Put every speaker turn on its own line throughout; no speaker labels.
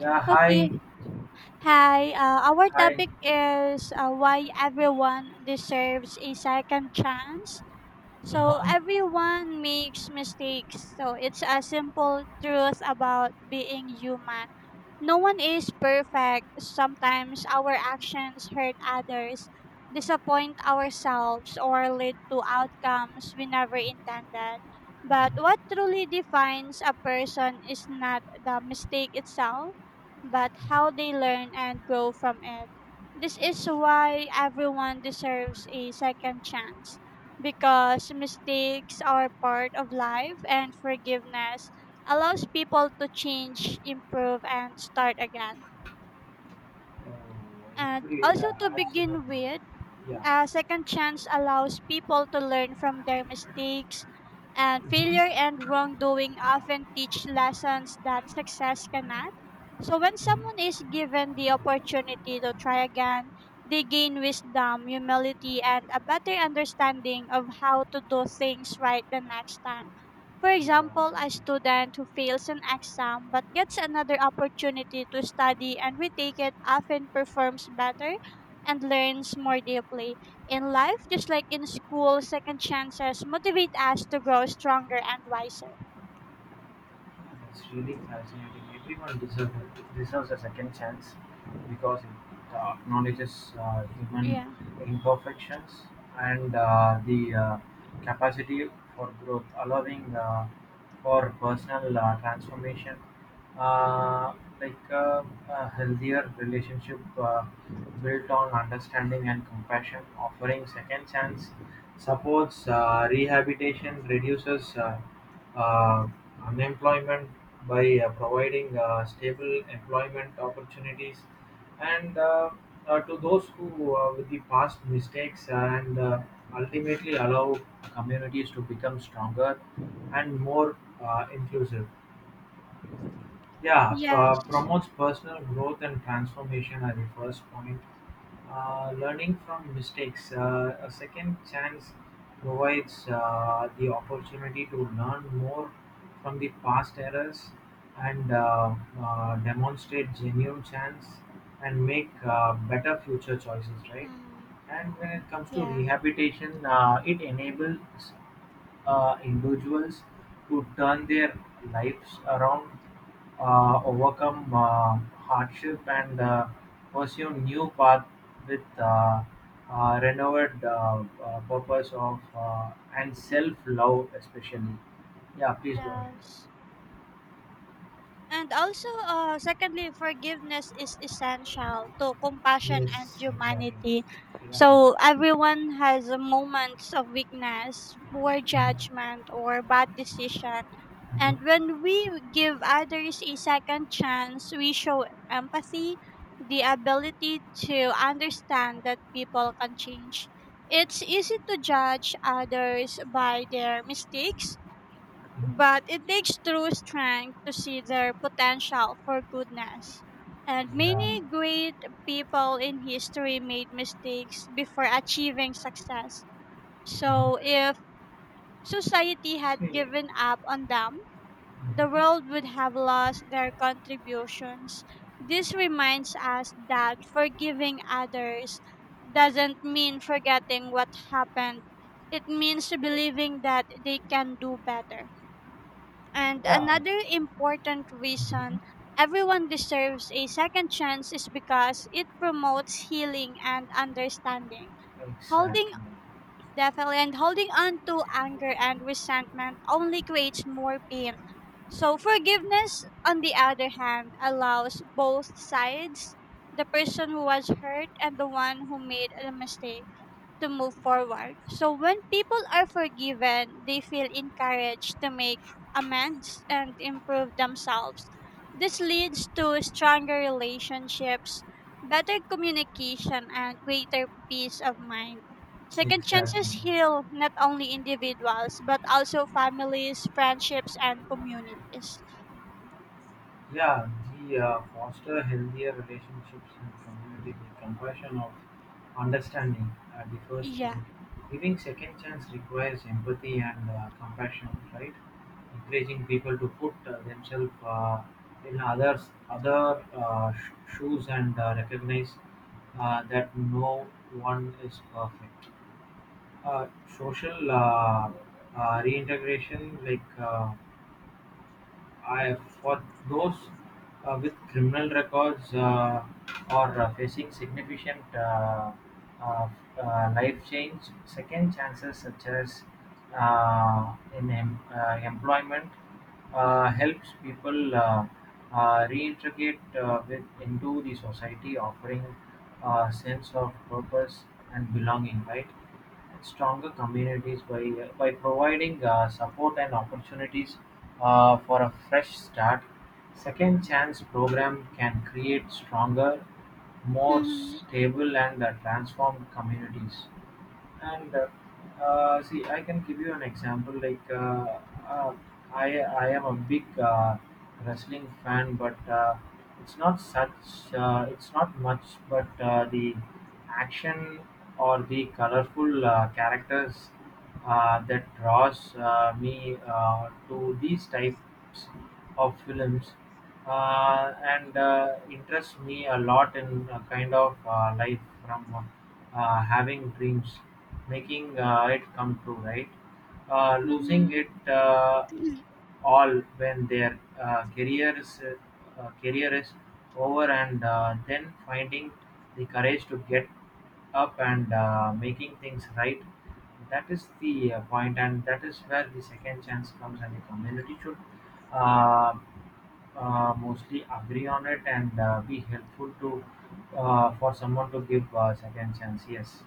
Yeah, hi,
Okay. Hi. Our
hi.
topic is why everyone deserves a second chance. So
Uh-huh.
everyone makes mistakes. So it's a simple truth about being human. No one is perfect. Sometimes our actions hurt others, disappoint ourselves, or lead to outcomes we never intended. But what truly defines a person is not the mistake itself, but how they learn and grow from it. This is why everyone deserves a second chance because mistakes are part of life and forgiveness allows people to change, improve, and start again. And also, to
As you know,
begin with,
yeah,
a second chance allows people to learn from their mistakes, and failure and wrongdoing often teach lessons that success cannot. So, when someone is given the opportunity to try again, they gain wisdom, humility, and a better understanding of how to do things right the next time. For
yeah,
example, a student who fails an exam but gets another opportunity to study and retake it often performs better and learns more deeply. In life, just like in school, second chances motivate us to grow stronger and wiser.
it's really fascinating. Everyone deserves a second chance because it acknowledges human
Yeah.
imperfections and the capacity for growth, allowing for personal transformation, uh, like uh, a healthier relationship built on understanding and compassion, offering second chance, supports rehabilitation, reduces uh, unemployment by providing stable employment opportunities, and to those who with the past mistakes and ultimately allow communities to become stronger and more inclusive. Yeah,
Yes.
Promotes personal growth and transformation at the first point. Learning from mistakes. A second chance provides the opportunity to learn more from the past errors and demonstrate genuine chance and make better future choices, right?
Mm,
And when it comes to
yeah.
rehabilitation, it enables individuals to turn their lives around, overcome hardship, and pursue new path with renewed purpose of and self-love, especially. Yeah, please go ahead.
Yes. And also, secondly, forgiveness is essential to compassion and
Yes, exactly.
humanity.
Yeah.
So everyone has a moments of weakness, poor
Mhm.
judgment, or bad decision. And
Mhm.
when we give others a second chance, we show empathy, the ability to understand that people can change. It's easy to judge others by their mistakes,
Mhm.
but it takes true strength to see their potential for goodness. And
Yeah.
many great people in history made mistakes before achieving success. So,
Mhm.
if society had
See.
given up on them, the
Mhm.
world would have lost their contributions. This reminds us that forgiving others doesn't mean forgetting what happened, it means believing that they can do better. And
Yeah.
another important
Mhm.
reason everyone deserves a second chance is because it promotes healing and understanding. Holding
Exactly.
definitely and holding on to anger and resentment only creates more pain. So forgiveness on the other hand allows both sides, the person who was hurt and the one who made a mistake, to move forward. So when people are forgiven, they feel encouraged to make amends and improve themselves. This leads to stronger relationships, better communication, and greater peace of mind. Second
Exactly.
chances heal not only individuals but also families, friendships, and communities.
Yeah, The foster healthier relationships and community. The compassion of understanding at the first
Yeah.
point. Giving second chance requires empathy and compassion, right? Encouraging people to put themselves in others other shoes and recognize that no one is perfect. Uh, Social reintegration, like. I for those with criminal records or facing significant uh, life change, second chances such as in employment
Mm-hmm.
helps people reintegrate into the society, offering a sense of purpose and belonging. Right? Stronger communities by providing support and opportunities for a fresh start. Second chance program can create stronger, more
Mm-hmm.
stable and transformed communities and see I can give you an example like uh, i I am a big wrestling fan but it's not such it's not much but the action or the colorful characters that draws me to these types of films and interests me a lot in a kind of life from having dreams, making it come true, right? Losing it.
Mm-hmm.
All when their career is over and then finding the courage to get up and making things right. That is the point, and that is where the second chance comes, and the community should uh, mostly agree on it and be helpful to for someone to give second chance. Yes.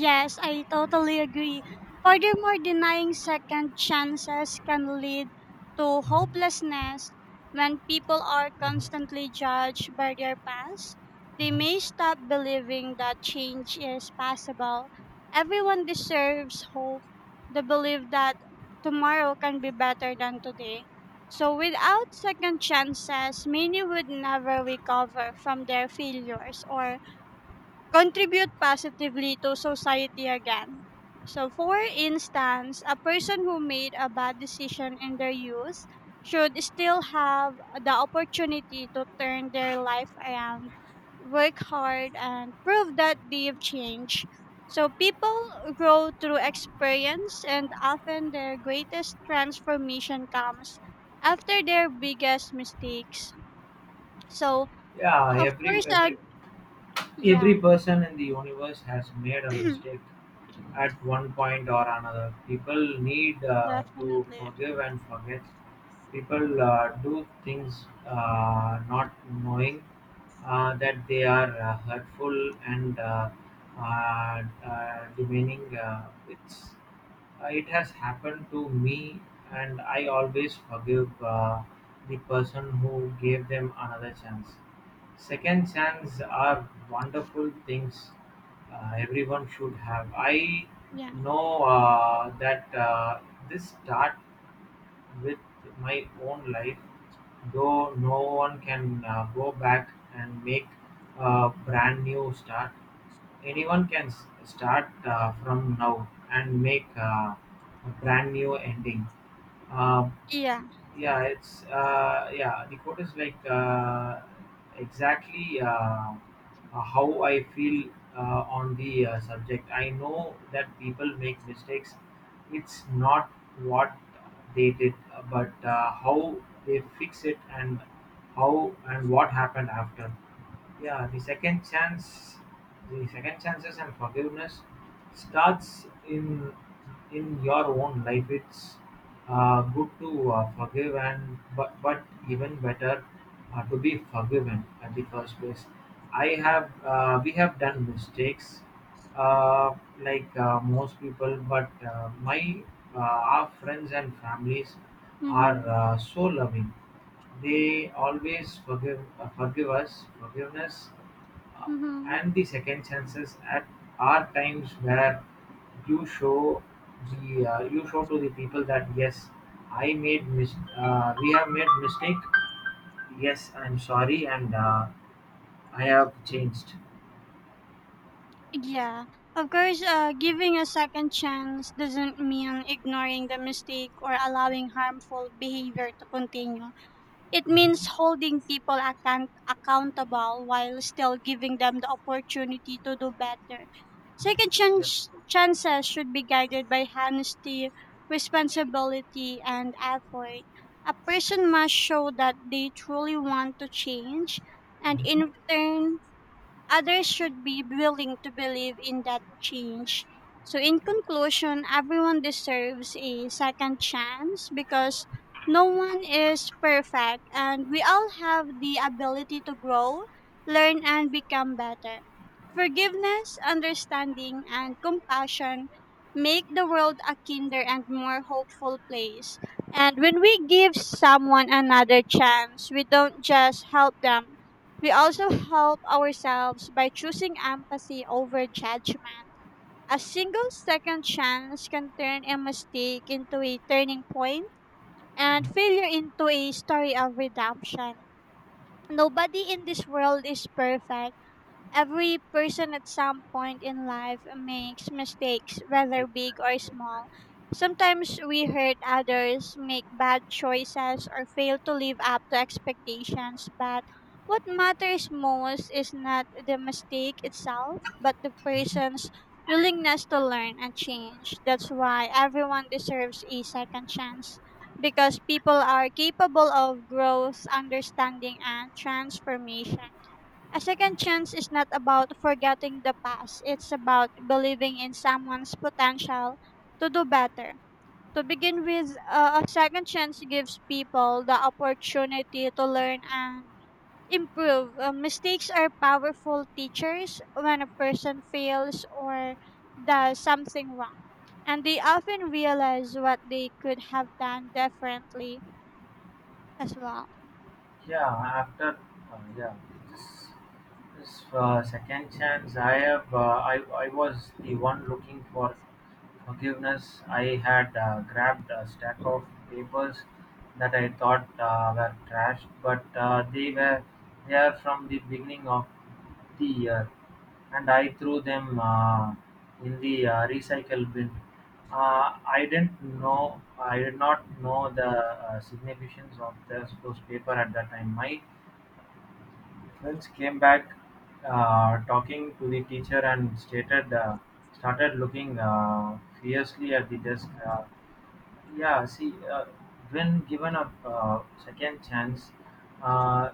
Yes, I totally agree. Furthermore, denying second chances can lead to
Mhm,
hopelessness when people are
mhm,
constantly judged by their past. They
mhm.
may stop believing that change is possible. Everyone deserves hope, the belief that tomorrow can be better than today. So, without second chances, many would never recover from their failures or contribute positively to society again. So, for instance, a person who made a bad decision in their youth should still have the opportunity to turn their life around, work hard, and prove that they've changed. So, people grow through experience, and often their greatest transformation comes after their biggest mistakes. So,
yeah
of
every
course,
every
yeah,
every person in the universe has made a mistake at one point or another. People need to
definitely.
forgive and forget. People do things not knowing that they are hurtful and demeaning. It's it has happened to me, and I always forgive the person who gave them another chance. Second chances are wonderful things everyone should have. I
Yeah.
know that this start with my own life, though no one can go back and make a brand new start. Anyone can start from now and make a brand new ending. Uh,
Yeah.
yeah, the quote is exactly how I feel uh, on the subject. I know that people make mistakes. It's not what they did, but how they fix it and how and what happened after. Yeah, the second chance, the second chances and forgiveness starts in in your own life. It's good to forgive and, but even better to be forgiven at the first place. I have We have done mistakes uh, most people but my our friends and families are
Mhm.
so loving, they always forgive us. Forgiveness uh,
Mhm.
and the second chances at are times where you show the you show to the people that yes, we have made mistake. Yes, I'm sorry, and I have changed.
Yeah. Of course, giving a second chance doesn't mean ignoring the mistake or allowing harmful behavior to continue. It means holding people accountable while still giving them the opportunity to do better. Second
Yeah.
chance chances should be guided by honesty, responsibility, and effort. A person must show that they truly want to change, and in
Yeah,
return, others should be willing to believe in that change. So, in conclusion, everyone deserves a second chance because no one is perfect and we all have the ability to grow, learn, and become better. Forgiveness, understanding, and compassion make the world a kinder and more hopeful place. And when we give someone another chance, we don't just help them, we also help ourselves by choosing empathy over judgment. A single second chance can turn a mistake into a turning point and failure into a story of redemption. Nobody in this world is perfect. Every person at some point in life makes mistakes, whether big or
exactly.
small. Sometimes we hurt others, make bad choices, or fail to live up to expectations. But what matters most is not the mistake itself, but the person's willingness to learn and change. That's why everyone deserves a second chance. Because people are capable of growth, understanding, and transformation. A second chance is not about forgetting the past. It's about believing in someone's potential to do better. To begin with, a second chance gives people the opportunity to learn and improve. Mistakes are powerful teachers when a person fails or does something wrong. And they often realize what they could have done differently as well.
Yeah, after yeah, this this second chance, I was the one looking for forgiveness. I had grabbed a stack of papers that I thought were trashed, but they were
Mm.
there from the beginning of the year, and I threw them in the recycle bin. I didn't know. I did not know the significance of this, those paper at that time. My Lynch came back talking to the teacher and stated. Started looking fiercely at the desk. Yeah, see, uh, when given a second chance, uh,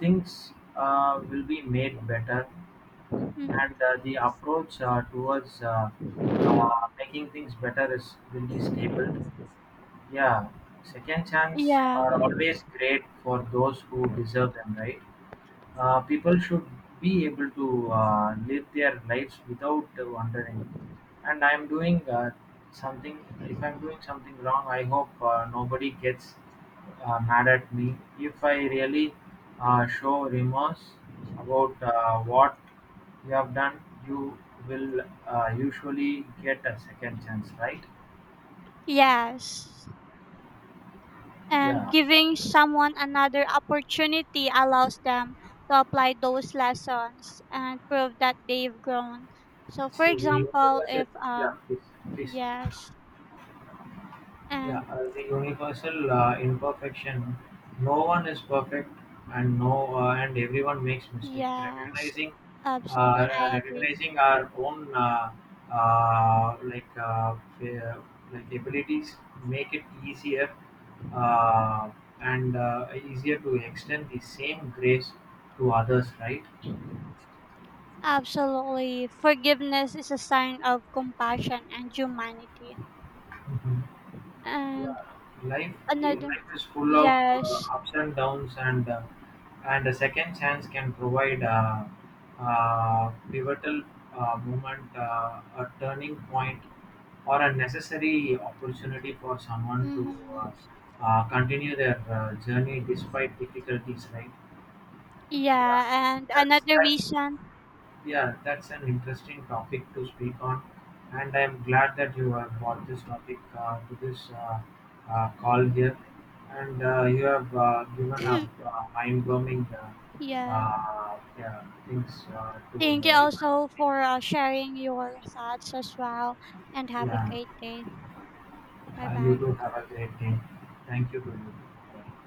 things will be made better,
Mhm.
and the approach towards making things better is will be stable. Yeah, second chance
Yeah.
are always great for those who deserve them, right? People should be able to live their lives without wondering. And I'm doing something. If I'm doing something wrong, I hope nobody gets mad at me. If I really show remorse about what you have done, you will usually get a second chance, right?
Yes. And
Yeah.
giving someone another opportunity allows them to apply those lessons and prove that they've grown. So for
See, the
example,
universal.
if
Yeah, please, please.
yes,
Yeah,
and
the universal imperfection. No one is perfect, and no, and everyone makes mistake.
yes,
Recognizing,
absolutely,
uh,
I agree.
recognizing our own uh, like uh, fa- abilities make it easier uh, and easier to extend the same grace to others. Right.
Absolutely, forgiveness is a sign of compassion and humanity,
Mhm.
and
Yeah, life
another,
life is full of
yes,
ups and downs, and a second chance can provide a pivotal moment, a turning point, or a necessary opportunity for someone to
hmm,
continue their journey despite difficulties. Right? Yeah,
yeah, and
that's
another
that.
reason,
Yeah, that's an interesting topic to speak on, and I'm glad that you have brought this topic to this call here, and you have given a mind-bombing
yeah.
yeah, things to
Thank you
know. It.
also for sharing your thoughts as well, and have a
Yeah,
great day. Bye
you
bye.
too have a great day. Thank you to you.